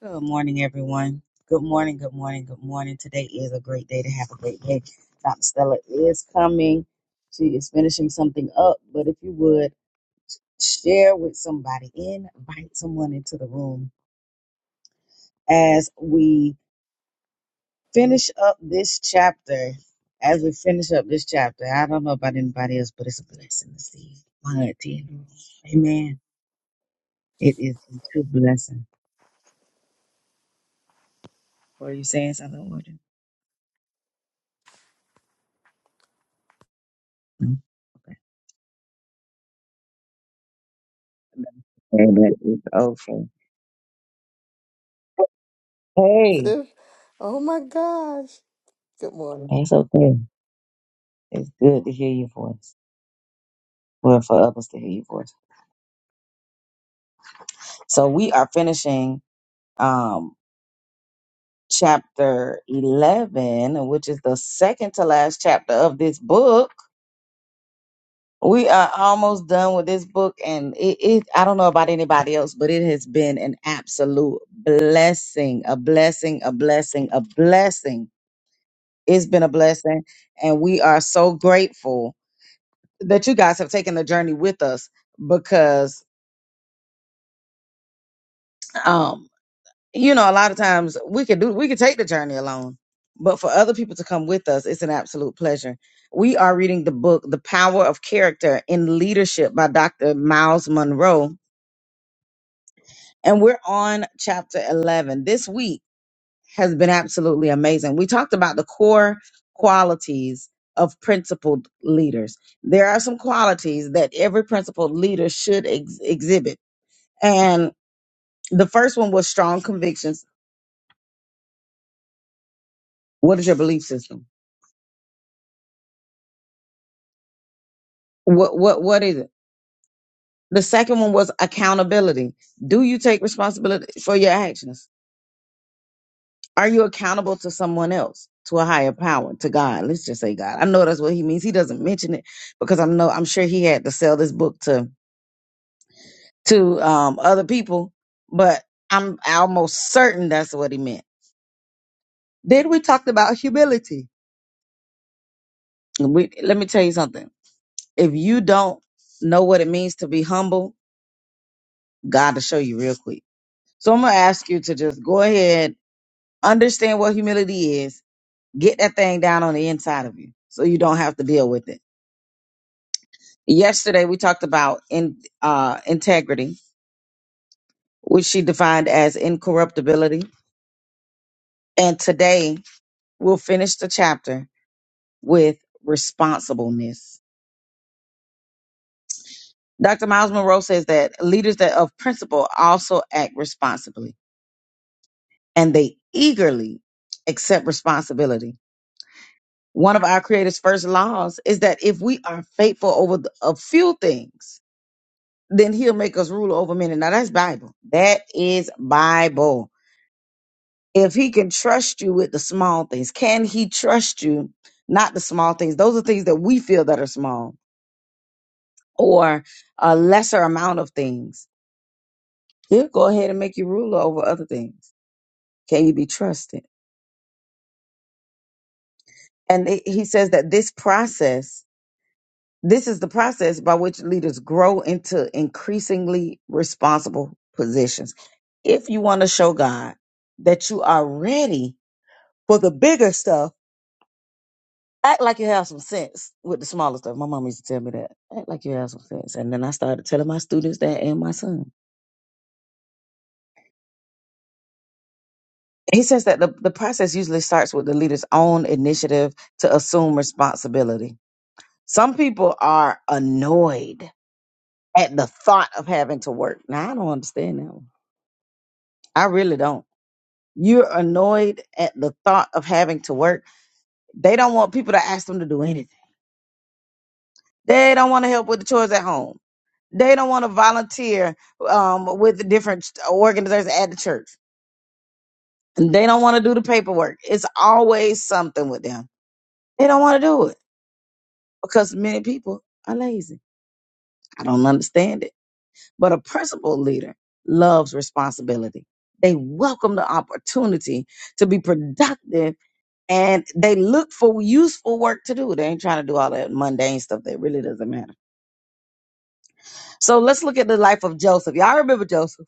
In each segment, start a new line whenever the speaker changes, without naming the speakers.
Good morning, everyone. Good morning, good morning, good morning. Today is a great day to have a great day. Dr. Stella is coming. She is finishing something up, but if you would share with somebody, invite someone into the room as we finish up this chapter. As we finish up this chapter, I don't know about anybody else, but it's a blessing to see my auntie in the room. Amen. It is a true blessing. Were you saying something, Warden? No. Okay. Amen. It's okay. Hey,
sensitive. Oh my gosh. Good morning.
it's okay. It's good to hear your voice. Well, for others to hear your voice. So we are finishing um chapter eleven, which is the second to last chapter of this book. We are almost done with this book, and it, it I don't know about anybody else, but it has been an absolute blessing, a blessing, a blessing, a blessing. It's been a blessing, and we are so grateful that you guys have taken the journey with us because um, you know, a lot of times we could do we could take the journey alone, but for other people to come with us, it's an absolute pleasure. We are reading the book The Power of Character in Leadership by Dr. Miles Monroe, and we're on chapter 11. This week has been absolutely amazing. We talked about the core qualities of principled leaders. There are some qualities that every principled leader should ex- exhibit. And the first one was strong convictions. What is your belief system? What what what is it? The second one was accountability. Do you take responsibility for your actions? Are you accountable to someone else, to a higher power, to God? Let's just say God. I know that's what he means. He doesn't mention it because I'm no I'm sure he had to sell this book to to um other people, but I'm almost certain that's what he meant. Then we talked about humility. We, let me tell you something. If you don't know what it means to be humble, God will show you real quick. So I'm gonna ask you to just go ahead Understand what humility is. Get that thing down on the inside of you so you don't have to deal with it. Yesterday we talked about in uh integrity, which she defined as incorruptibility. And today we'll finish the chapter with responsibleness. Dr. Miles Monroe says that leaders that of principle also act responsibly and they eagerly accept responsibility. One of our creator's first laws is that if we are faithful over the- a few things, then he'll make us ruler over many. Now that's Bible. That is Bible. If he can trust you with the small things, can he trust you? Not the small things. Those are things that we feel that are small or a lesser amount of things. He'll go ahead and make you ruler over other things. Can you be trusted? And it- he says that this process, this is the process by which leaders grow into increasingly responsible positions. If you want to show God that you are ready For the bigger stuff, act like you have some sense with the smaller stuff. My mom used to tell me that. Act like you have some sense. And then I started telling my students that and my son. He says that the, the process usually starts with the leader's own initiative to assume responsibility. Some people are annoyed at the thought of having to work. Now, I don't understand that one. I really don't. You're annoyed at the thought of having to work. They don't want people to ask them to do anything. They don't want to help with the chores at home. They don't want to volunteer um, with the different organizations at the church. They don't want to do the paperwork. It's always something with them. They don't want to do it because many people are lazy. I don't understand it. But a principal leader loves responsibility. They welcome the opportunity to be productive and they look for useful work to do. They ain't trying to do all that mundane stuff that really doesn't matter. So let's look at the life of Joseph. Y'all remember Joseph?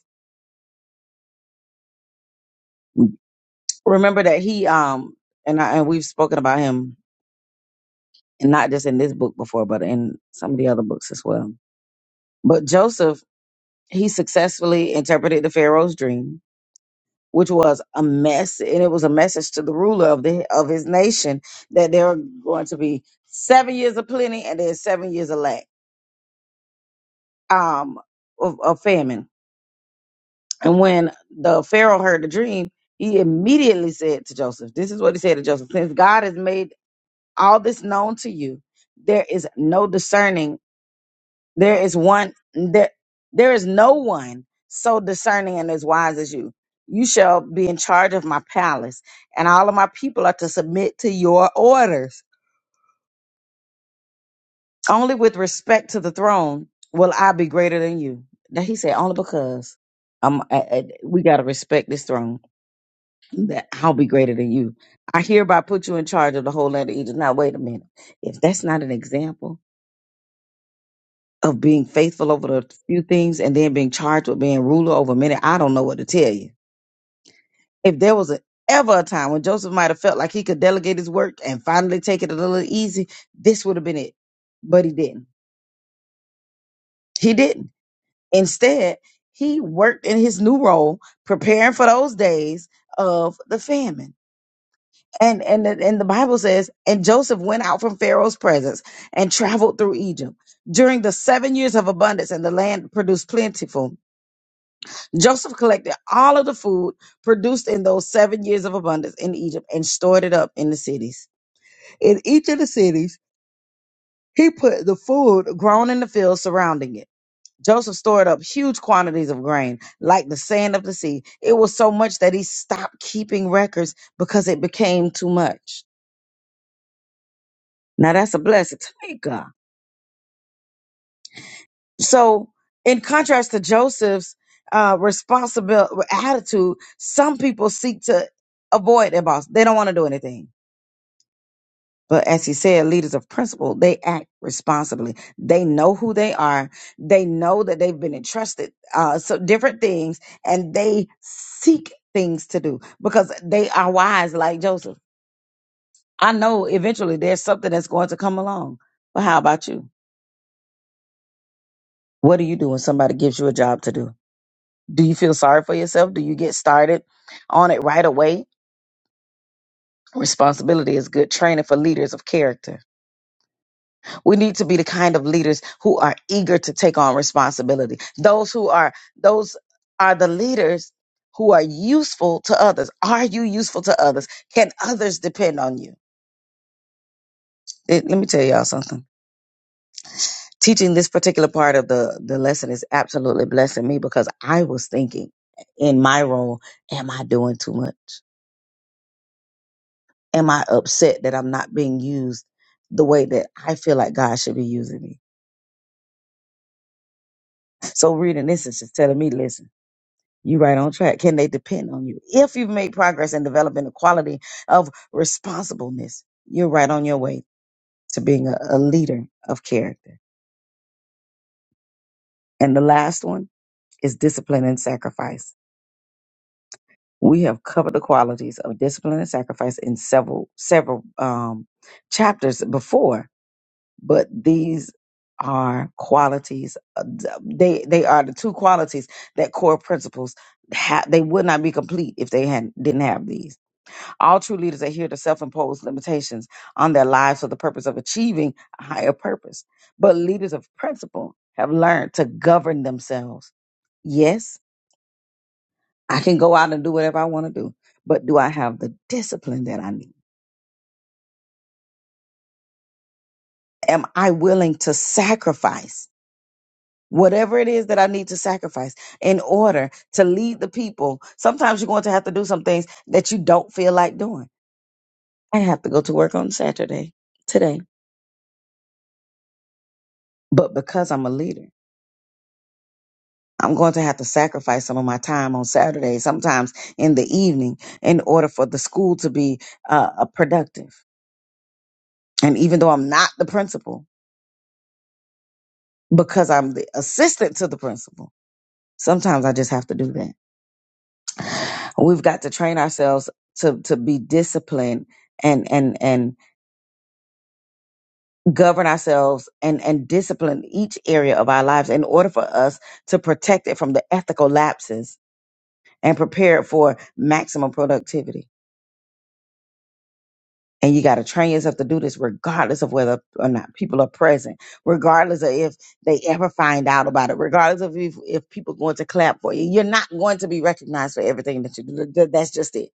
remember that he um and I and we've spoken about him and not just in this book before, but in some of the other books as well. But Joseph, he successfully interpreted the Pharaoh's dream, which was a mess, and it was a message to the ruler of the of his nation that there are going to be seven years of plenty and then seven years of lack, um, of, of famine. And when the Pharaoh heard the dream, he immediately said to Joseph, "This is what he said to Joseph: Since God has made all this known to you. There is no discerning. There is one there there is no one so discerning and as wise as you. You shall be in charge of my palace, and all of my people are to submit to your orders. Only with respect to the throne will I be greater than you. Now he said, only because um, I, I- we got to respect this throne that I'll be greater than you. I hereby put you in charge of the whole land of Egypt. Now, wait a minute. If that's not an example, of being faithful over the few things and then being charged with being ruler over many, I don't know what to tell you. If there was a, ever a time when Joseph might have felt like he could delegate his work and finally take it a little easy, this would have been it. But he didn't. He didn't. Instead, he worked in his new role, preparing for those days of the famine. And and the, and the Bible says, and Joseph went out from Pharaoh's presence and traveled through Egypt during the seven years of abundance, and the land produced plentiful Joseph collected all of the food produced in those seven years of abundance in Egypt and stored it up in the cities. In each of the cities, he put the food grown in the fields surrounding it. Joseph stored up huge quantities of grain, like the sand of the sea. It was so much that he stopped keeping records because it became too much. Now that's a blessing. Thank God. So, in contrast to Joseph's uh, responsible attitude, some people seek to avoid their boss. They don't want to do anything But as he said, leaders of principle, they act responsibly. They know who they are. They know that they've been entrusted uh, so different things, and they seek things to do because they are wise, like Joseph. I know eventually there's something that's going to come along. But how about you? What do you do when somebody gives you a job to do? Do you feel sorry for yourself? Do you get started on it right away? Responsibility is good training for leaders of character. We need to be the kind of leaders who are eager to take on responsibility. Those who are those are the leaders who are useful to others. Are you useful to others? Can others depend on you? Eh, Let me tell y'all something. Teaching this particular part of the the lesson is absolutely blessing me because I was thinking in my role, am I doing too much? Am I upset that I'm not being used the way that I feel like God should be using me? So reading this is just telling me, listen. You're right on track. Can they depend on you? If you've made progress in developing the quality of responsibleness, you're right on your way to being a, a leader of character. And the last one is discipline and sacrifice. We have covered the qualities of discipline and sacrifice in several several um, chapters before, but these are qualities. uh, They they are the two qualities that core principles. Ha- they would not be complete if they had didn't have these. All true leaders adhere to self imposed limitations on their lives for the purpose of achieving a higher purpose. But leaders of principle have learned to govern themselves. Yes, I can go out and do whatever I want to do, but do I have the discipline that I need? Am I willing to sacrifice whatever it is that I need to sacrifice in order to lead the people? Sometimes you're going to have to do some things that you don't feel like doing. I have to go to work on Saturday today, but because I'm a leader. I'm going to have to sacrifice some of my time on Saturday, sometimes in the evening, in order for the school to be uh, uh, productive. And even though I'm not the principal, because I'm the assistant to the principal, sometimes I just have to do that. We've got to train ourselves to to be disciplined and and and govern ourselves and and discipline each area of our lives in order for us to protect it from the ethical lapses and prepare it for maximum productivity. and you got to train yourself to do this regardless of whether or not people are present regardless of if they ever find out about it regardless of if, if people going to clap for you you're not going to be recognized for everything that you do Th- that's just it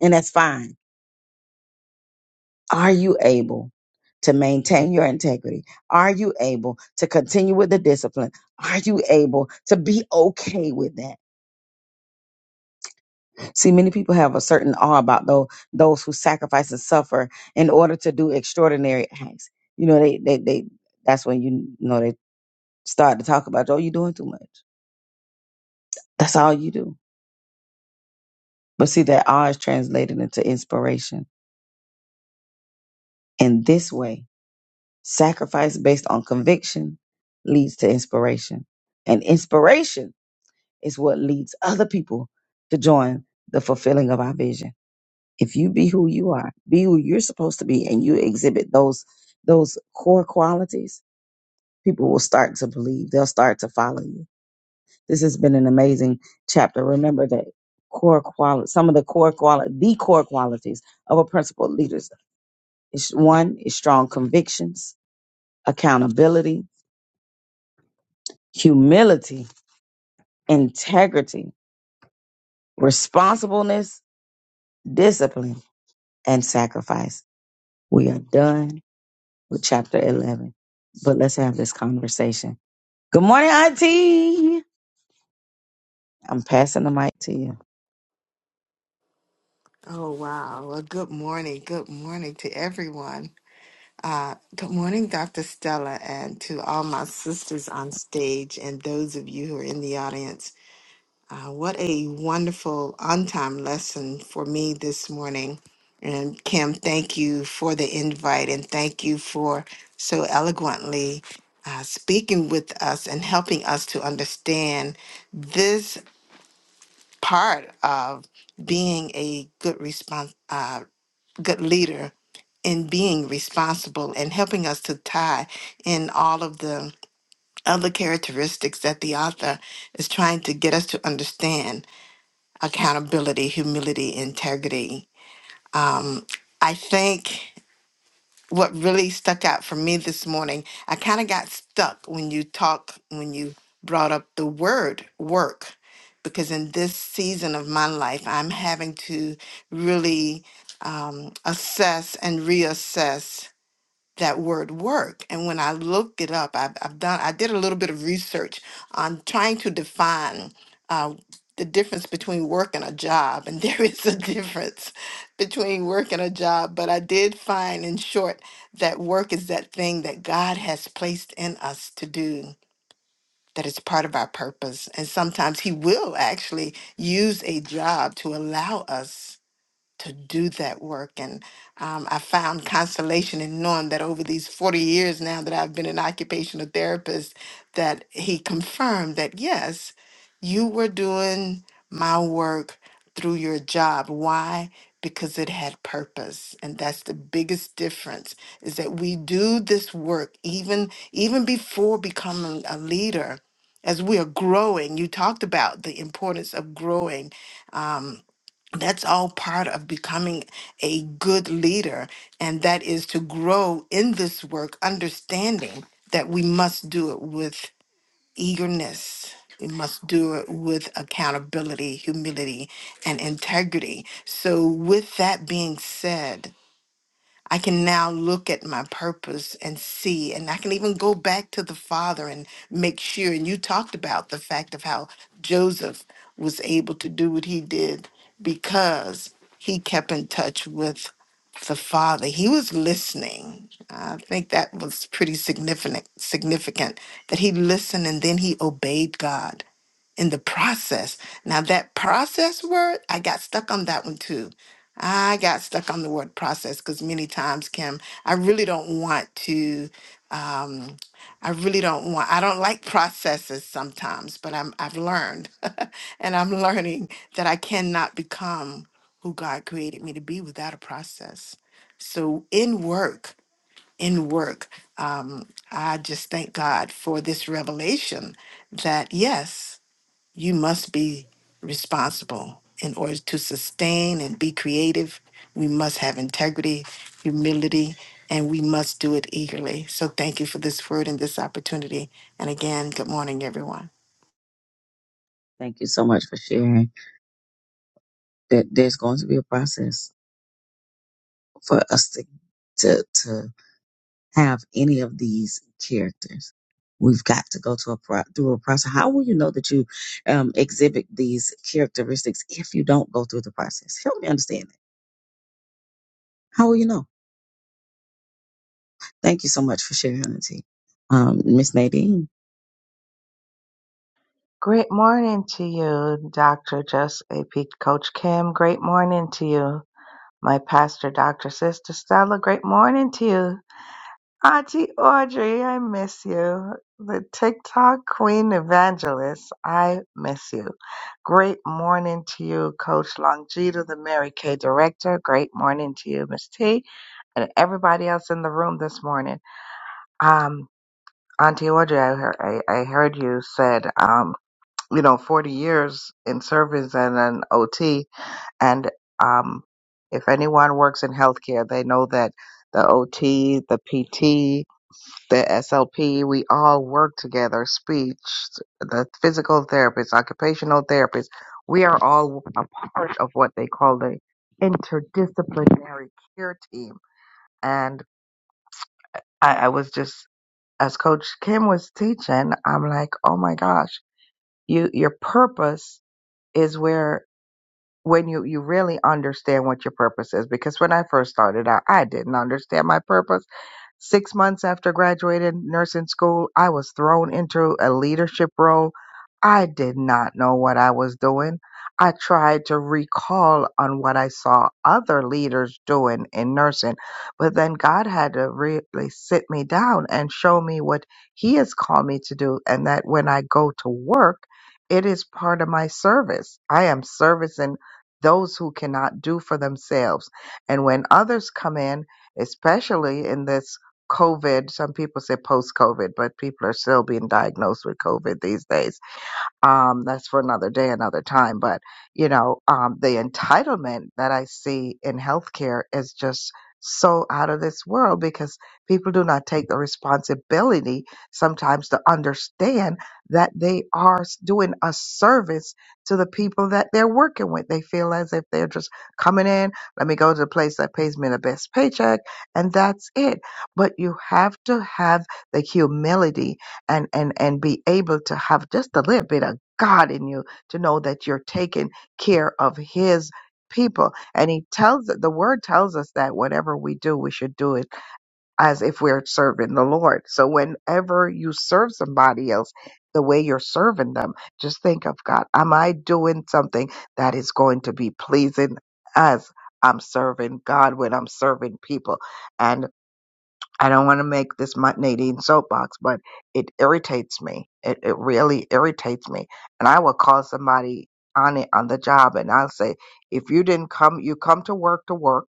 and that's fine are you able to maintain your integrity are you able to continue with the discipline are you able to be okay with that See, many people have a certain awe about those those who sacrifice and suffer in order to do extraordinary acts. You know, they they they. That's when you you know they start to talk about, oh, you're doing too much. That's all you do. But see, that awe is translated into inspiration. In this way, sacrifice based on conviction leads to inspiration, and inspiration is what leads other people to join the fulfilling of our vision. if you be who you are, be who you're supposed to be, and you exhibit those those core qualities, people will start to believe. They'll start to follow you. This has been an amazing chapter. Remember that core quality, some of the core quality, the core qualities of a principled leader is one is strong convictions, accountability, humility, integrity, responsibleness, discipline, and sacrifice. We are done with chapter 11. But let's have this conversation. Good morning, Auntie. I'm passing the mic to you.
Oh, wow. Well, good morning. Good morning to everyone. Uh, good morning, Dr. Stella, and to all my sisters on stage and those of you who are in the audience. Uh, what a wonderful on time lesson for me this morning. And Kim, thank you for the invite and thank you for so eloquently uh, speaking with us and helping us to understand this part of being a good response, uh, good leader in being responsible and helping us to tie in all of the other characteristics that the author is trying to get us to understand accountability, humility, integrity. Um, I think what really stuck out for me this morning. I kind of got stuck when you talk when you brought up the word work because in this season of my life I'm having to really um, assess and reassess that word work. And when I looked it up, I've, I've done, I did a little bit of research on trying to define uh, the difference between work and a job. And there is a difference between work and a job. But I did find, in short, that work is that thing that God has placed in us to do. That is part of our purpose. And sometimes He will actually use a job to allow us to do that work. And um, I found consolation in knowing that over these 40 years now that I've been an occupational therapist, that he confirmed that yes, you were doing my work through your job. Why? Because it had purpose. And that's the biggest difference is that we do this work even even before becoming a leader. As we are growing, you talked about the importance of growing um, that's all part of becoming a good leader, and that is to grow in this work, understanding that we must do it with eagerness. We must do it with accountability, humility, and integrity. So, with that being said, I can now look at my purpose and see, and I can even go back to the father and make sure. And you talked about the fact of how Joseph was able to do what he did because he kept in touch with the father. He was listening. I think that was pretty significant significant that he listened and then he obeyed God in the process. Now, that process word, I got stuck on that one too. I got stuck on the word process because many times, Kim, I really don't want to. Um, I really don't want. I don't like processes sometimes, but I'm. I've learned, and I'm learning that I cannot become who God created me to be without a process. So in work, in work, um, I just thank God for this revelation that yes, you must be responsible in order to sustain and be creative. We must have integrity, humility, and we must do it eagerly. So thank you for this word and this opportunity. And again, good morning, everyone.
Thank you so much for sharing that there's going to be a process for us to, to, to have any of these characters. We've got to go to a pro- through a process. How will you know that you um, exhibit these characteristics if you don't go through the process? Help me understand that. How will you know? Thank you so much for sharing, Auntie. Um, Miss Nadine.
Great morning to you, Dr. Just AP Coach Kim. Great morning to you. My pastor, Dr. Sister Stella. Great morning to you. Auntie Audrey, I miss you. The TikTok Queen Evangelist, I miss you. Great morning to you, Coach Longita, the Mary Kay Director. Great morning to you, Miss T, and everybody else in the room this morning. Um, Auntie Audrey, I, heard- I, I heard you said um you know, 40 years in service and an OT. And um, if anyone works in healthcare, they know that the OT, the PT, the SLP, we all work together, speech, the physical therapist, occupational therapist. We are all a part of what they call the interdisciplinary care team. And I, I was just, as Coach Kim was teaching, I'm like, oh my gosh, you, your purpose is where when you you really understand what your purpose is because when i first started out i didn't understand my purpose six months after graduating nursing school i was thrown into a leadership role i did not know what i was doing i tried to recall on what i saw other leaders doing in nursing but then god had to really sit me down and show me what he has called me to do and that when i go to work it is part of my service. I am servicing those who cannot do for themselves. And when others come in, especially in this COVID, some people say post COVID, but people are still being diagnosed with COVID these days um, that's for another day, another time. But, you know, um, the entitlement that I see in healthcare is just so out of this world because people do not take the responsibility sometimes to understand that they are s- doing a service to the people that they're working with. They feel as if they're just coming in, let me go to the place that pays me the best paycheck, and that's it. But you have to have the humility and and and be able to have just a little bit of God in you to know that you're taking care of his people and he tells the word tells us that whatever we do we should do it as if we're serving the Lord so whenever you serve somebody else the way you're serving them just think of God am I doing something that is going to be pleasing as I'm serving God when I'm serving people And I don't want to make this my Nadine soapbox, but it irritates me. It, it really irritates me. And I will call somebody on it on the job and I'll say, if you didn't come, you come to work to work.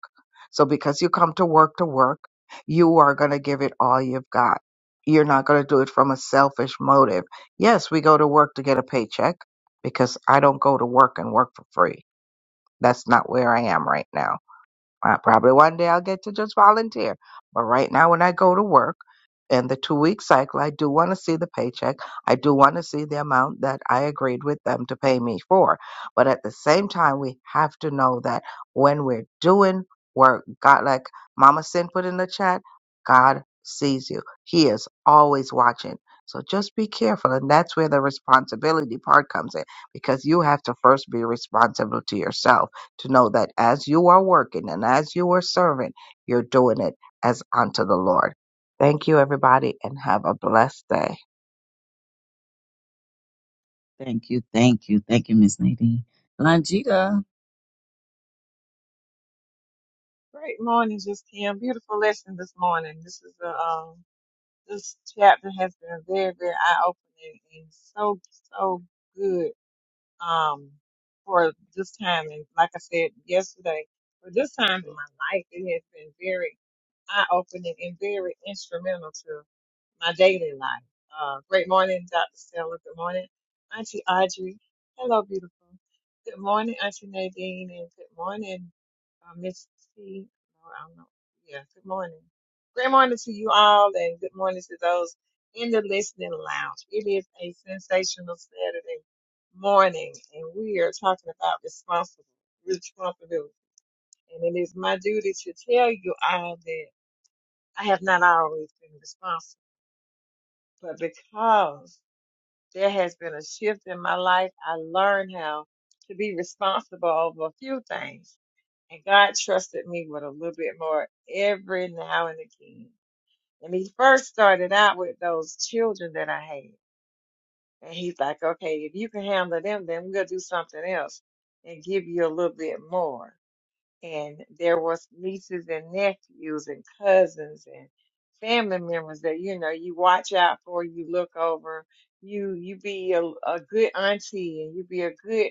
So because you come to work to work, you are going to give it all you've got. You're not going to do it from a selfish motive. Yes, we go to work to get a paycheck because I don't go to work and work for free. That's not where I am right now uh, probably one day I'll get to just volunteer. But right now, when I go to work in the two week cycle, I do want to see the paycheck. I do want to see the amount that I agreed with them to pay me for. But at the same time, we have to know that when we're doing work, God, like Mama Sin put in the chat, God sees you. He is always watching. So just be careful. And that's where the responsibility part comes in because you have to first be responsible to yourself to know that as you are working and as you are serving, you're doing it as unto the Lord. Thank you, everybody, and have a blessed day.
Thank you, thank you, thank you, Miss Nadine. Longita,
Great morning, just Kim. Beautiful lesson this morning. This is a um, this chapter has been very, very eye opening and so, so good um for this time. And like I said yesterday, for this time in my life, it has been very eye opening and very instrumental my daily life. Uh, great morning, Dr. Stella. Good morning, Auntie Audrey. Hello, beautiful. Good morning, Auntie Nadine, and good morning, uh, Miss T. Or I don't know. Yeah, good morning. Great morning to you all, and good morning to those in the listening lounge. It is a sensational Saturday morning, and we are talking about responsible responsibility. And it is my duty to tell you all that I have not always been responsible. But because there has been a shift in my life, I learned how to be responsible over a few things. And God trusted me with a little bit more every now and again. And he first started out with those children that I had. And he's like, okay, if you can handle them, then we are gonna do something else and give you a little bit more and there was nieces and nephews and cousins and family members that you know you watch out for you look over you you be a, a good auntie and you be a good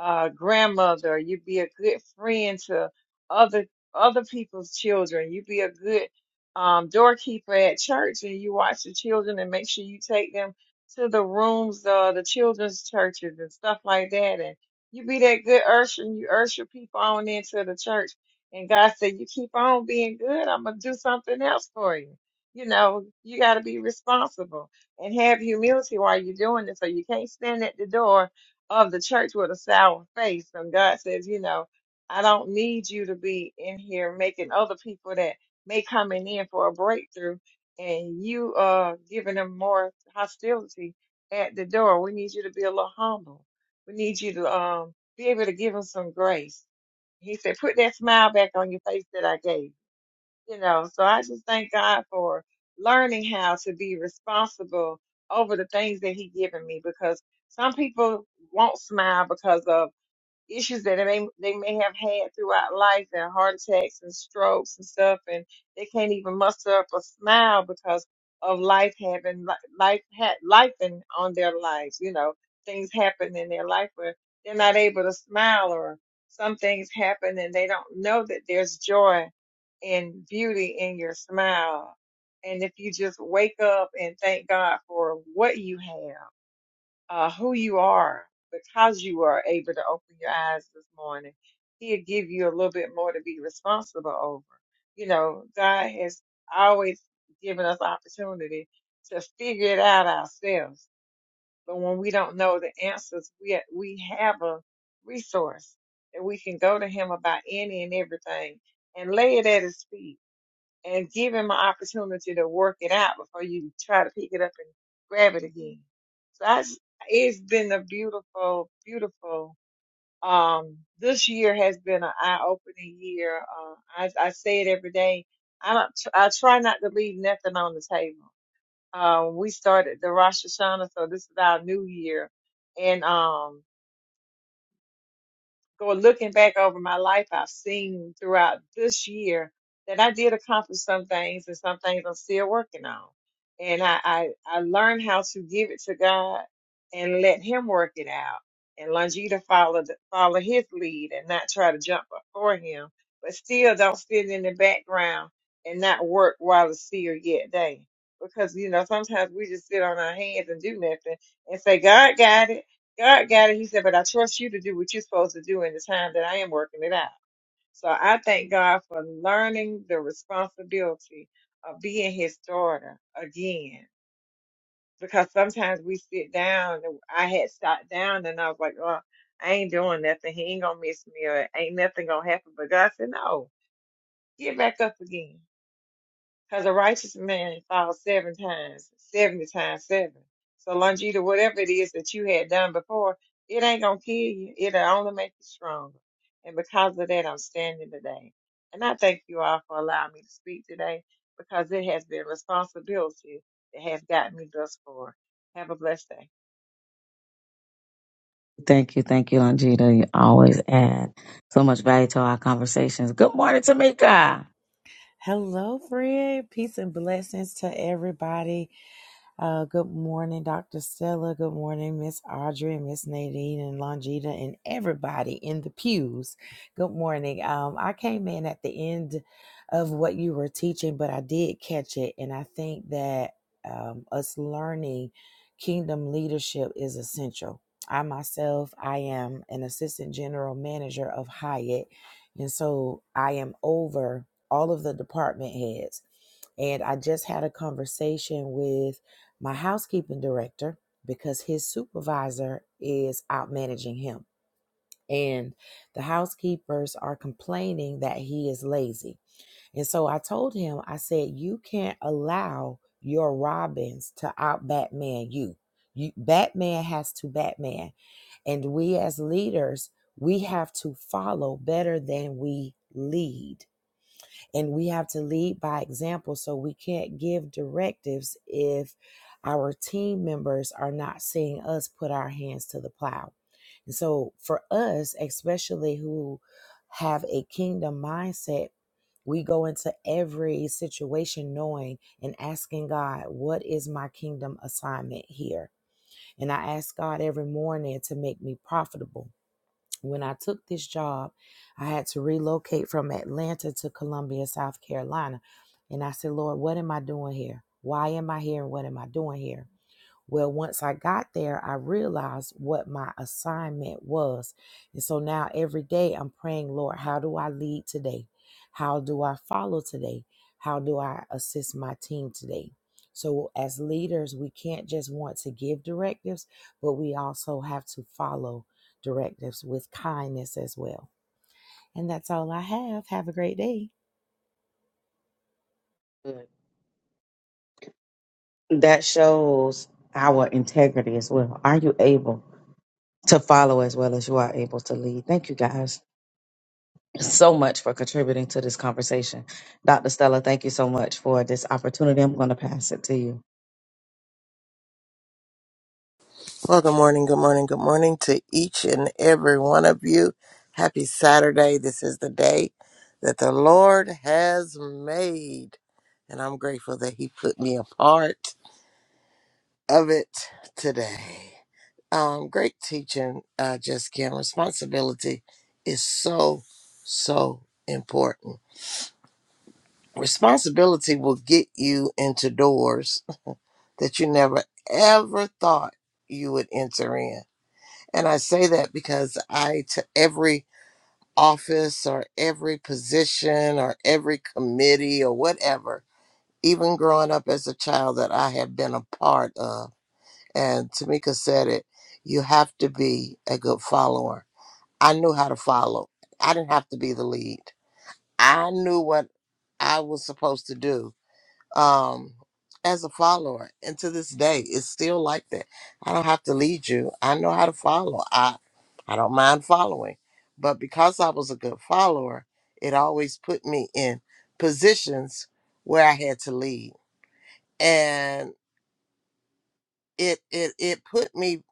uh grandmother you be a good friend to other other people's children you be a good um doorkeeper at church and you watch the children and make sure you take them to the rooms uh the children's churches and stuff like that you be that good usher and you usher people on into the church. And God said, You keep on being good, I'm gonna do something else for you. You know, you gotta be responsible and have humility while you're doing it. So you can't stand at the door of the church with a sour face. And God says, you know, I don't need you to be in here making other people that may coming in for a breakthrough and you uh giving them more hostility at the door. We need you to be a little humble we need you to um be able to give him some grace. He said, put that smile back on your face that I gave. You know, so I just thank God for learning how to be responsible over the things that He given me because some people won't smile because of issues that they they may have had throughout life and heart attacks and strokes and stuff and they can't even muster up a smile because of life having li- life had life in on their lives you know things happen in their life where they're not able to smile or some things happen and they don't know that there's joy and beauty in your smile and if you just wake up and thank God for what you have uh, who you are because you are able to open your eyes this morning. He'll give you a little bit more to be responsible over. You know, God has always given us opportunity to figure it out ourselves. But when we don't know the answers, we we have a resource that we can go to Him about any and everything and lay it at His feet and give him an opportunity to work it out before you try to pick it up and grab it again. So I just, it's been a beautiful, beautiful, um, this year has been an eye-opening year. Uh, I, I say it every day. I don't, tr- I try not to leave nothing on the table. Um, we started the Rosh Hashanah, so this is our new year. And, um, go looking back over my life, I've seen throughout this year that I did accomplish some things and some things I'm still working on. And I, I, I learned how to give it to God and let Him work it out and Longita follow, the, follow His lead and not try to jump up for Him, but still don't sit in the background and not work while it's still yet day. Because, you know, sometimes we just sit on our hands and do nothing and say, God got it. God got it. He said, but I trust you to do what you're supposed to do in the time that I am working it out. So I thank God for learning the responsibility of being his daughter again. Because sometimes we sit down, and I had sat down and I was like, oh, I ain't doing nothing. He ain't going to miss me or ain't nothing going to happen. But God said, no, get back up again. Because a righteous man falls seven times, 70 times seven. So, Longita, whatever it is that you had done before, it ain't going to kill you. It'll only make you stronger. And because of that, I'm standing today. And I thank you all for allowing me to speak today because it has been responsibility that has gotten me thus far. Have a blessed day.
thank you, thank you, Longita. You always add so much value to our conversations. Good morning, Tamika.
Hello, Fred. Peace and blessings to everybody. Uh, good morning, Dr. Stella. Good morning, Miss Audrey, Miss Nadine, and Longita, and everybody in the pews. Good morning. Um, I came in at the end of what you were teaching, but I did catch it, and I think that um, us learning kingdom leadership is essential. I myself, I am an assistant general manager of Hyatt, and so I am over all of the department heads and I just had a conversation with my housekeeping director because his supervisor is out managing him. And the housekeepers are complaining that he is lazy. And so I told him, I said, you can't allow your Robins to out Batman you. you. Batman has to Batman. And we as leaders, we have to follow better than we lead and we have to lead by example so we can't give directives if our team members are not seeing us put our hands to the plow and so for us especially who have a kingdom mindset we go into every situation knowing and asking God, what is my kingdom assignment here? And I ask God every morning to make me profitable when I took this job, I had to relocate from Atlanta to Columbia, South Carolina. And I said, Lord, what am I doing here? Why am I here? And what am I doing here? Well, once I got there, I realized what my assignment was. And so now every day I'm praying, Lord, how do I lead today? How do I follow today? How do I assist my team today? So, as leaders, we can't just want to give directives, but we also have to follow directives with kindness as well. And that's all I have. Have a great day.
That shows our integrity as well. Are you able to follow as well as you are able to lead? Thank you guys so much for contributing to this conversation. Dr. Stella, thank you so much for this opportunity. I'm going to pass it to you.
Well, good morning, good morning, good morning to each and every one of you. Happy Saturday. This is the day that the Lord has made. And I'm grateful that He put me a part of it today. Um, great teaching, uh, Just Kim. Responsibility is so, so important. Responsibility will get you into doors that you never ever thought you would enter in And I say that because I, to every office or every position or every committee or whatever, even growing up as a child that I have been a part of, and Tamika said it, you have to be a good follower. I knew how to follow, I didn't have to be the lead. I knew what I was supposed to do um, as a follower. And to this day, it's still like that. I don't have to lead you. I know how to follow. I, I don't mind following. But because I was a good follower, it always put me in positions where I had to lead. And it it it put me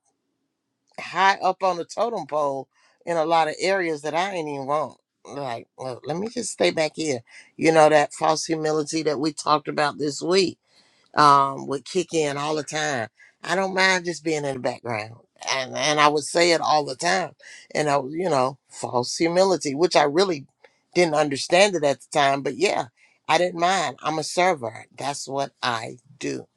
high up on the totem pole in a lot of areas that I ain't even want. Like, well, let me just stay back here. You know, that false humility that we talked about this week um, would kick in all the time. I don't mind just being in the background. And, and I would say it all the time. And I, you know, false humility, which I really didn't understand it at the time. But yeah, I didn't mind. I'm a server. That's what I do.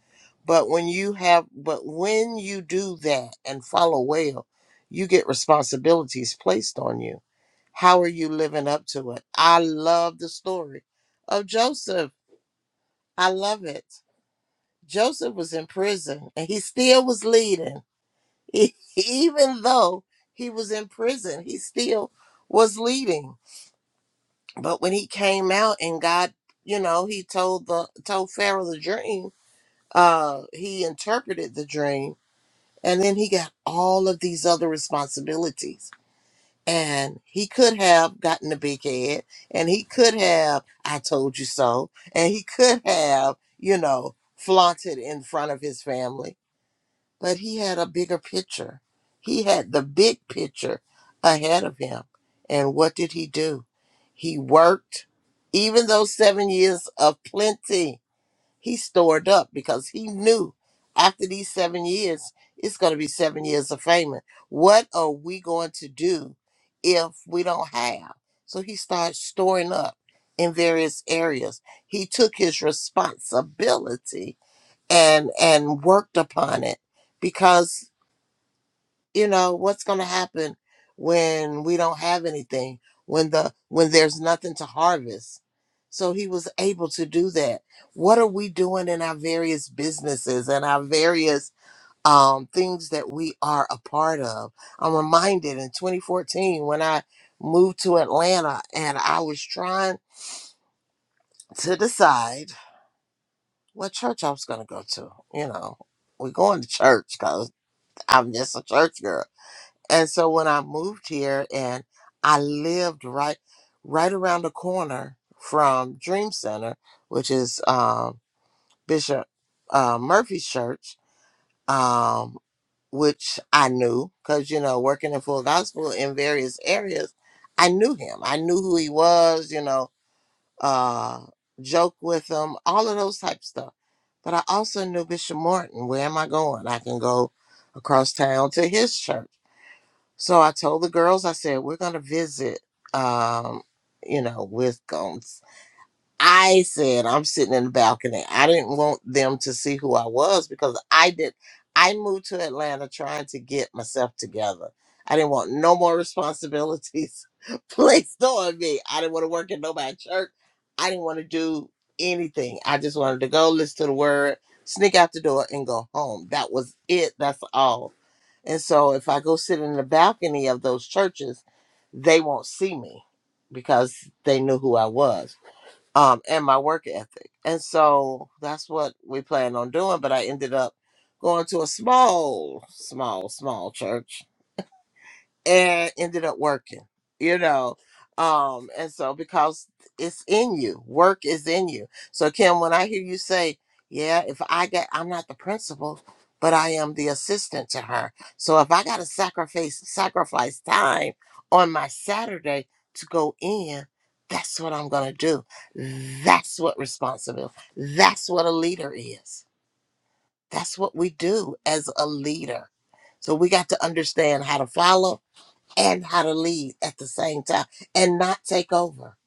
But when you have, but when you do that and follow well, you get responsibilities placed on you. How are you living up to it? I love the story of Joseph. I love it. Joseph was in prison and he still was leading. E- Even though he was in prison, he still was leading. But when he came out and God, you know, he told the told Pharaoh the dream, uh, he interpreted the dream, and then he got all of these other responsibilities. And he could have gotten the big head, and he could have, I told you so, and he could have, you know, flaunted in front of his family but he had a bigger picture. He had the big picture ahead of him. And what did he do? He worked, even those seven years of plenty, he stored up because he knew after these seven years, it's going to be seven years of famine. What are we going to do if we don't have? So he started storing up in various areas. He took his responsibility and and worked upon it because you know what's going to happen when we don't have anything when the when there's nothing to harvest so he was able to do that what are we doing in our various businesses and our various um, things that we are a part of i'm reminded in 2014 when i moved to atlanta and i was trying to decide what church i was going to go to you know we're going to church I'm just a church girl. And so when I moved here and I lived right right around the corner from Dream Center, which is um, Bishop uh, Murphy's church, um, which I knew because, you know, working in full gospel in various areas, I knew him. I knew who he was, you know, uh, joke with him, all of those type stuff. But I also knew Bishop Morton. Where am I going? I can go across town to his church so I told the girls, I said, we're going to visit, um, you know, Wisconsin. I said, I'm sitting in the balcony. I didn't want them to see who I was because I did. I moved to Atlanta trying to get myself together. I didn't want no more responsibilities placed on me. I didn't want to work in nobody's church. I didn't want to do anything. I just wanted to go listen to the word, sneak out the door, and go home. That was it. That's all and so if I go sit in the balcony of those churches, they won't see me because they knew who I was um, and my work ethic. And so that's what we planned on doing. But I ended up going to a small, small, small church and ended up working you know um and so because it's in you work is in you so kim when i hear you say yeah if i get i'm not the principal but i am the assistant to her so if i gotta sacrifice sacrifice time on my saturday to go in that's what i'm gonna do that's what responsibility that's what a leader is that's what we do as a leader so we got to understand how to follow and how to lead at the same time and not take over.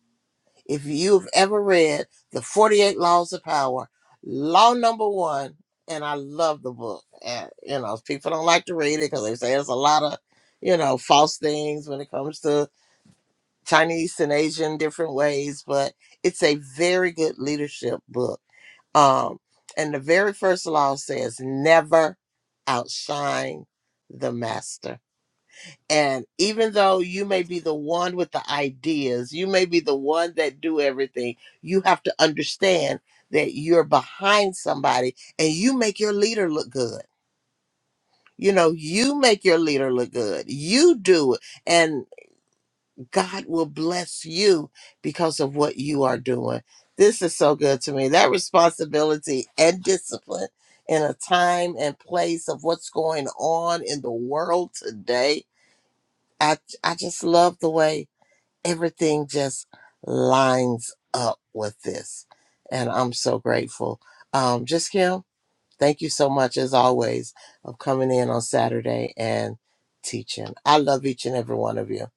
If you've ever read the 48 Laws of Power, law number one, and I love the book. And, you know, people don't like to read it because they say there's a lot of, you know, false things when it comes to Chinese and Asian different ways, but it's a very good leadership book. Um, and the very first law says never outshine the master and even though you may be the one with the ideas, you may be the one that do everything, you have to understand that you're behind somebody and you make your leader look good. You know, you make your leader look good. You do it and God will bless you because of what you are doing. This is so good to me. That responsibility and discipline in a time and place of what's going on in the world today. I I just love the way everything just lines up with this. And I'm so grateful. Um, just Kim, thank you so much as always of coming in on Saturday and teaching. I love each and every one of you.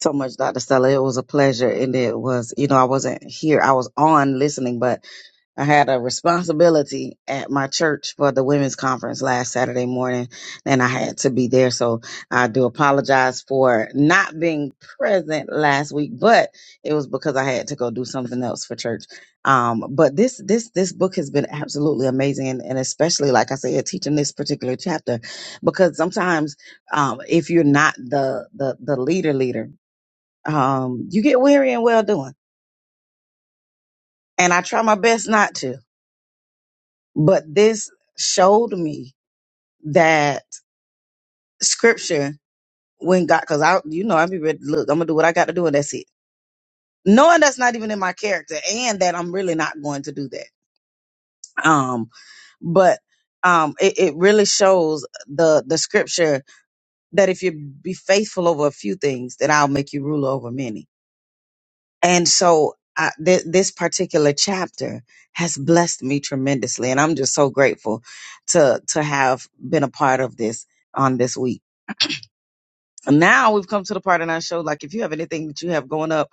so much, Dr. Stella. It was a pleasure. And it was, you know, I wasn't here. I was on listening, but I had a responsibility at my church for the women's conference last Saturday morning, and I had to be there. So I do apologize for not being present last week, but it was because I had to go do something else for church. Um, but this this this book has been absolutely amazing, and, and especially like I said, teaching this particular chapter because sometimes um, if you're not the the the leader leader, um, you get weary and well doing. And I try my best not to But this showed me that scripture, when God, because I, you know, I be ready. Look, I'm gonna do what I got to do, and that's it. Knowing that's not even in my character, and that I'm really not going to do that. Um, but um, it, it really shows the the scripture that if you be faithful over a few things, then I'll make you ruler over many And so I, th- this particular chapter has blessed me tremendously, and I'm just so grateful to to have been a part of this on this week. Now we've come to the part in our show. Like, if you have anything that you have going up,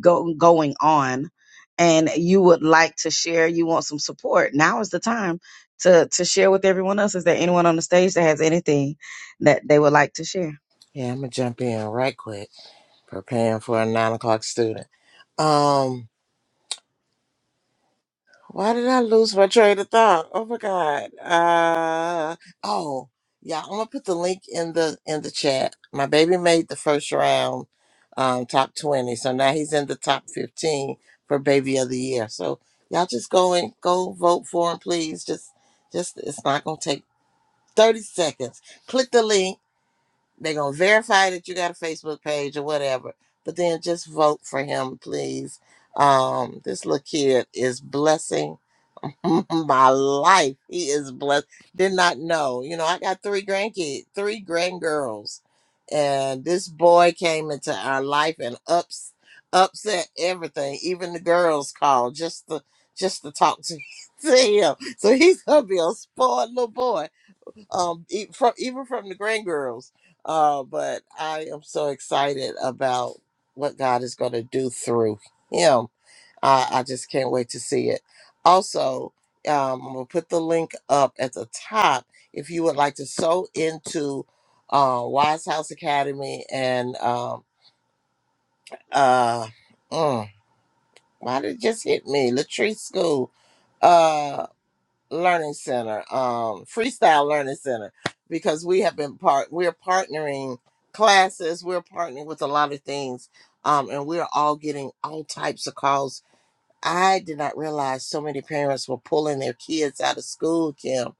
go going on, and you would like to share, you want some support. Now is the time to to share with everyone else. Is there anyone on the stage that has anything that they would like to share?
Yeah, I'm gonna jump in right quick. Preparing for a nine o'clock student. Um, Why did I lose my train of thought? Oh my god. Uh oh. Yeah, I'm gonna put the link in the in the chat. My baby made the first round um top 20. So now he's in the top 15 for baby of the year. So y'all just go and go vote for him, please. Just just it's not gonna take 30 seconds. Click the link. They're gonna verify that you got a Facebook page or whatever. But then just vote for him, please. Um, this little kid is blessing my life. He is blessed. Did not know. You know, I got three grandkids, three grandgirls, and this boy came into our life and ups upset everything. Even the girls called just to just to talk to, to him. So he's gonna be a spoiled little boy. Um, e- from even from the grandgirls. Uh, but I am so excited about what God is gonna do through him I, I just can't wait to see it. Also, um, I'm gonna put the link up at the top if you would like to sew into uh, Wise House Academy and um, uh, mm, why did it just hit me? Latrice School uh, Learning Center, um, Freestyle Learning Center, because we have been part. We're partnering classes. We're partnering with a lot of things, um, and we're all getting all types of calls I did not realize so many parents were pulling their kids out of school, Kim.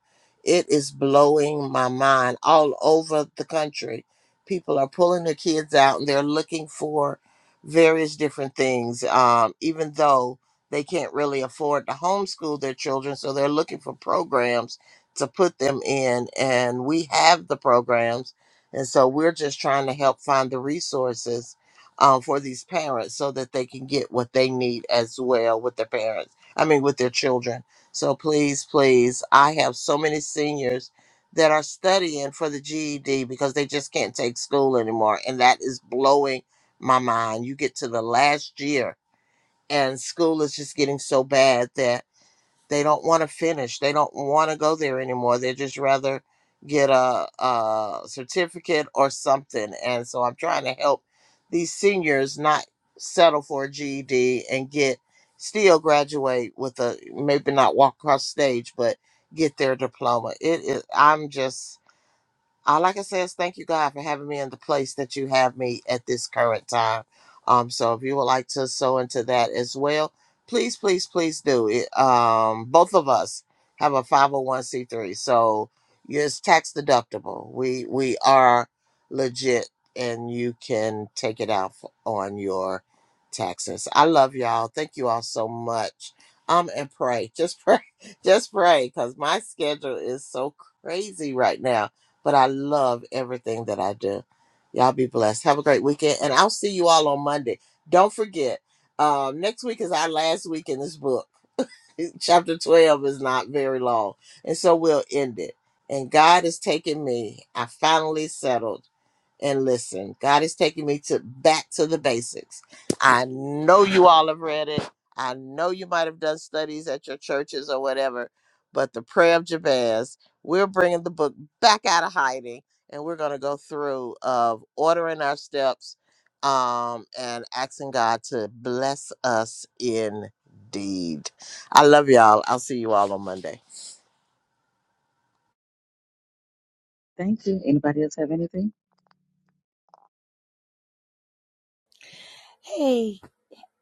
It is blowing my mind all over the country. People are pulling their kids out and they're looking for various different things, um, even though they can't really afford to homeschool their children. So they're looking for programs to put them in. And we have the programs. And so we're just trying to help find the resources um, for these parents so that they can get what they need as well with their parents, I mean, with their children. So please, please, I have so many seniors that are studying for the GED because they just can't take school anymore. And that is blowing my mind. You get to the last year, and school is just getting so bad that. They don't want to finish. They don't want to go there anymore. They just rather get a, a certificate or something. And so I'm trying to help these seniors not settle for a GED and get still graduate with a maybe not walk across stage, but get their diploma. It is. I'm just all I can say is thank you, God, for having me in the place that you have me at this current time. Um, so if you would like to sow into that as well, please, please, please do it. Um, both of us have a 501c3, so it's tax deductible. We we are legit, and you can take it out f- on your taxes. I love y'all. Thank you all so much. Um, and pray, just pray, just pray, because my schedule is so crazy right now but I love everything that I do. Y'all be blessed. Have a great weekend, and I'll see you all on Monday. Don't forget, um, next week is our last week in this book. Chapter 12 is not very long, and so we'll end it. And God has taken me. I finally settled and listen. God is taking me to back to the basics. I know you all have read it. I know you might have done studies at your churches or whatever, but the prayer of Jabez, we're bringing the book back out of hiding and we're going to go through of ordering our steps um, and asking God to bless us indeed. I love y'all. I'll see you all on Monday.
Thank you. Anybody else have anything?
Hey.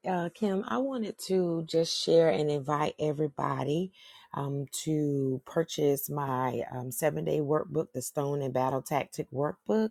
Uh, Kim, I wanted to just share and invite everybody um, to purchase my um, seven day workbook, the Stone and Battle Tactic Workbook.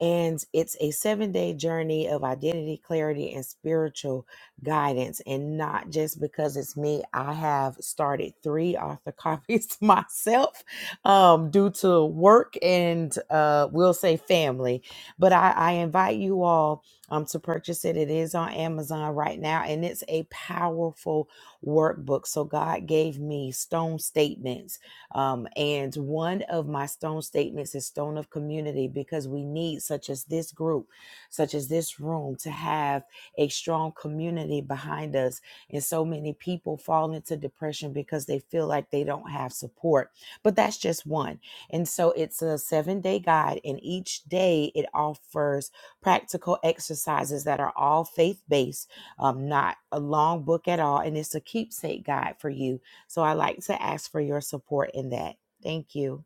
And it's a seven day journey of identity, clarity, and spiritual guidance. And not just because it's me, I have started three author copies myself um, due to work and uh, we'll say family. But I, I invite you all um, to purchase it. It is on Amazon right now and it's a powerful workbook. So God gave me stone statements um, and one of my stone statements is stone of community because we need such as this group, such as this room, to have a strong community behind us. And so many people fall into depression because they feel like they don't have support. But that's just one. And so it's a seven day guide, and each day it offers practical exercises that are all faith based, um, not a long book at all. And it's a keepsake guide for you so I like to ask for your support in that. Thank you.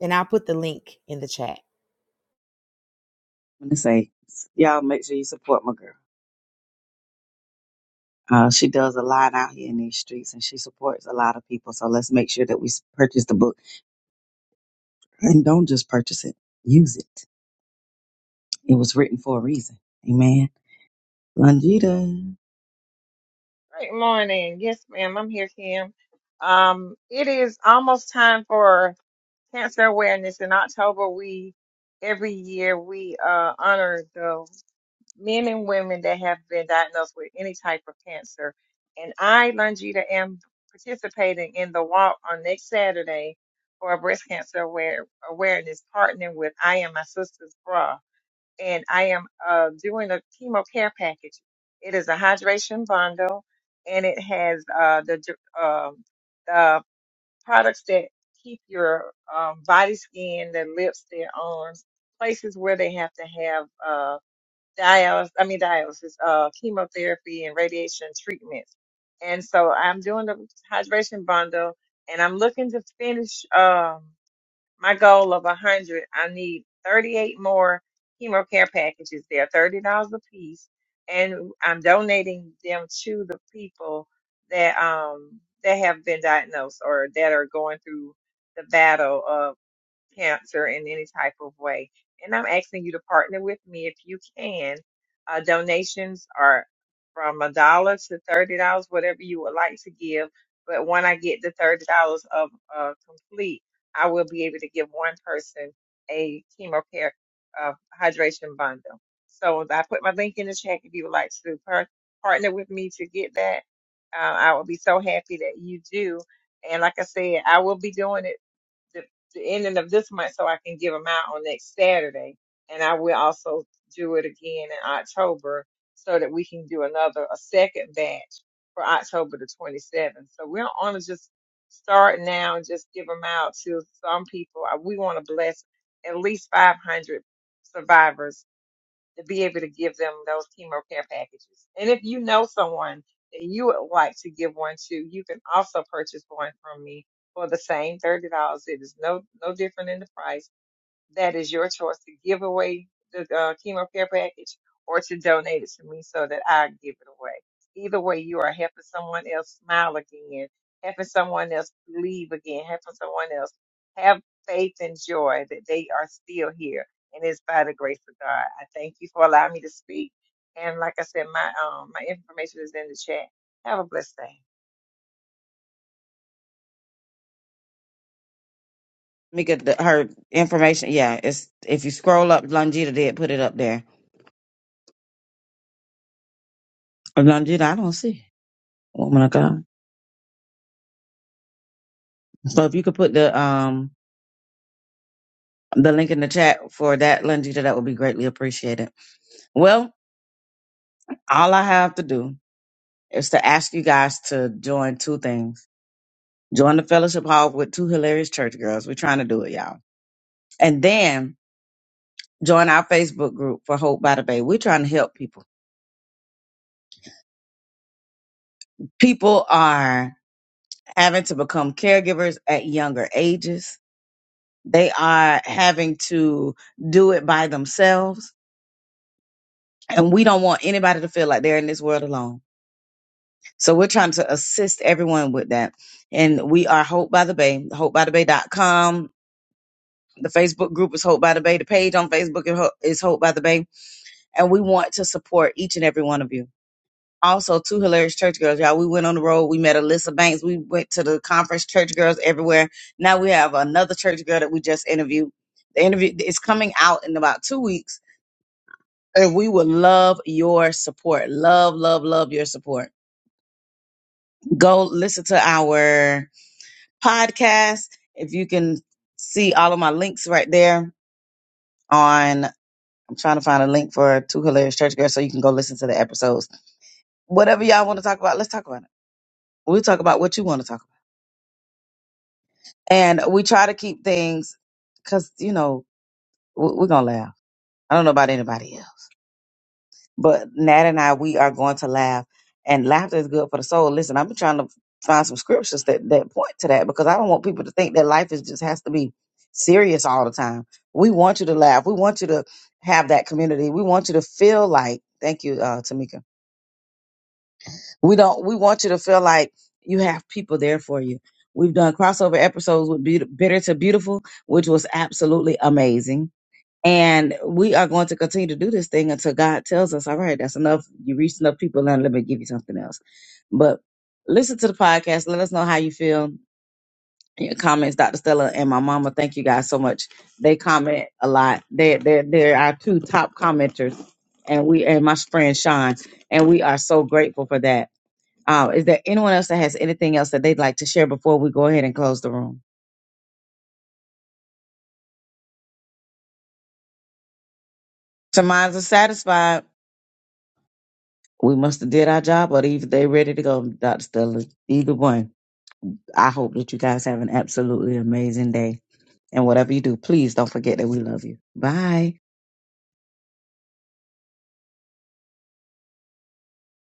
And I'll put the link in the chat.
I'm gonna say, y'all make sure you support my girl. Uh, she does a lot out here in these streets and she supports a lot of people. So let's make sure that we s- purchase the book and don't just purchase it, use it. It was written for a reason. Amen. Longita.
Great morning. Yes, ma'am. I'm here, Kim. Um, it is almost time for Cancer Awareness in October, we every year we uh, honor the men and women that have been diagnosed with any type of cancer. And I, Longita, am participating in the walk on next Saturday for breast cancer aware, awareness, partnering with I Am My Sister's Bra. And I am uh, doing a chemo care package. It is a hydration bundle, and it has uh, the dr- um products that keep your um, body, skin, their lips, their arms, places where they have to have uh, dialysis, I mean dialysis, uh, chemotherapy and radiation treatments. And so I'm doing the hydration bundle and I'm looking to finish. Um, my goal of 100 i need 38 more hemo care packages they're $30 a piece and i'm donating them to the people that um that have been diagnosed or that are going through the battle of cancer in any type of way. And I'm asking you to partner with me if you can. Uh, donations are from a dollar to thirty dollars, whatever you would like to give. But when I get the thirty dollars of uh, complete, I will be able to give one person a chemo care uh, hydration bundle. So I put my link in the chat if you would like to par- partner with me to get that. Uh, I will be so happy that you do. And like I said, I will be doing it the, the ending of this month so I can give them out on next Saturday. And I will also do it again in October so that we can do another, a second batch for October the 27th. So we don't want to just start now and just give them out to some people. Uh, We want to bless at least 500 survivors to be able to give them those chemo care packages. And if you know someone that you would like to give one to, you can also purchase one from me for the same thirty dollars. It is no no different in the price that is your choice to give away the uh, chemo care package or to donate it to me so that I give it away. Either way, you are helping someone else smile again, helping someone else believe again, helping someone else have faith and joy that they are still here. And it's by the grace of God. I thank you for allowing me to speak. And like I said, my um my information is in the chat. Have a blessed day.
Let me get the, her information. Yeah, it's if you scroll up, Longita did put it up there. Longita, I don't see it. Woman of God. So if you could put the um the link in the chat for that, Longita, that would be greatly appreciated. Well, all I have to do is to ask you guys to join two things. Join the fellowship hall with two hilarious church girls. We're trying to do it, y'all. And then join our Facebook group for Hope by the Bay. We're trying to help people. People are having to become caregivers at younger ages. They are having to do it by themselves. And we don't want anybody to feel like they're in this world alone. So we're trying to assist everyone with that. And we are Hope by the Bay, hopebythebay.com. The bay dot com. The Facebook group is Hope by the Bay. The page on Facebook is Ho- is Hope by the Bay and we want to support each and every one of you. Also, two hilarious church girls, y'all. We went on the road. We met Alyssa Banks. We went to the conference. Church girls everywhere. Now we have another church girl that we just interviewed. The interview is coming out in about two weeks, and we would love your support. Love, love, love your support. Go listen to our podcast. If you can see all of my links right there on, I'm trying to find a link for two hilarious church girls so you can go listen to the episodes. Whatever y'all want to talk about, let's talk about it. We talk about what you want to talk about, and we try to keep things because you know we- we're gonna laugh. I don't know about anybody else, but Nat and I we are going to laugh, and laughter is good for the soul. Listen, I've been trying to find some scriptures that that point to that because I don't want people to think that life is just has to be serious all the time. We want you to laugh. We want you to have that community. We want you to feel like. Thank you, uh, Tamika We don't. We want you to feel like you have people there for you. We've done crossover episodes with Beaut- Bitter to Beautiful, which was absolutely amazing. And we are going to continue to do this thing until God tells us, all right, that's enough. You reached enough people. Now let me give you something else. But listen to the podcast. Let us know how you feel. Your comments, Dr. Stella and my mama. Thank you guys so much. They comment a lot. They they they're our two top commenters, and we and my friend Sean, and we are so grateful for that. Uh, is there anyone else that has anything else that they'd like to share before we go ahead and close the room? So minds are satisfied. We must have did our job, or either they're ready to go, Dr. Stella. Either one. I hope that you guys have an absolutely amazing day. And whatever you do, please don't forget that we love you. Bye.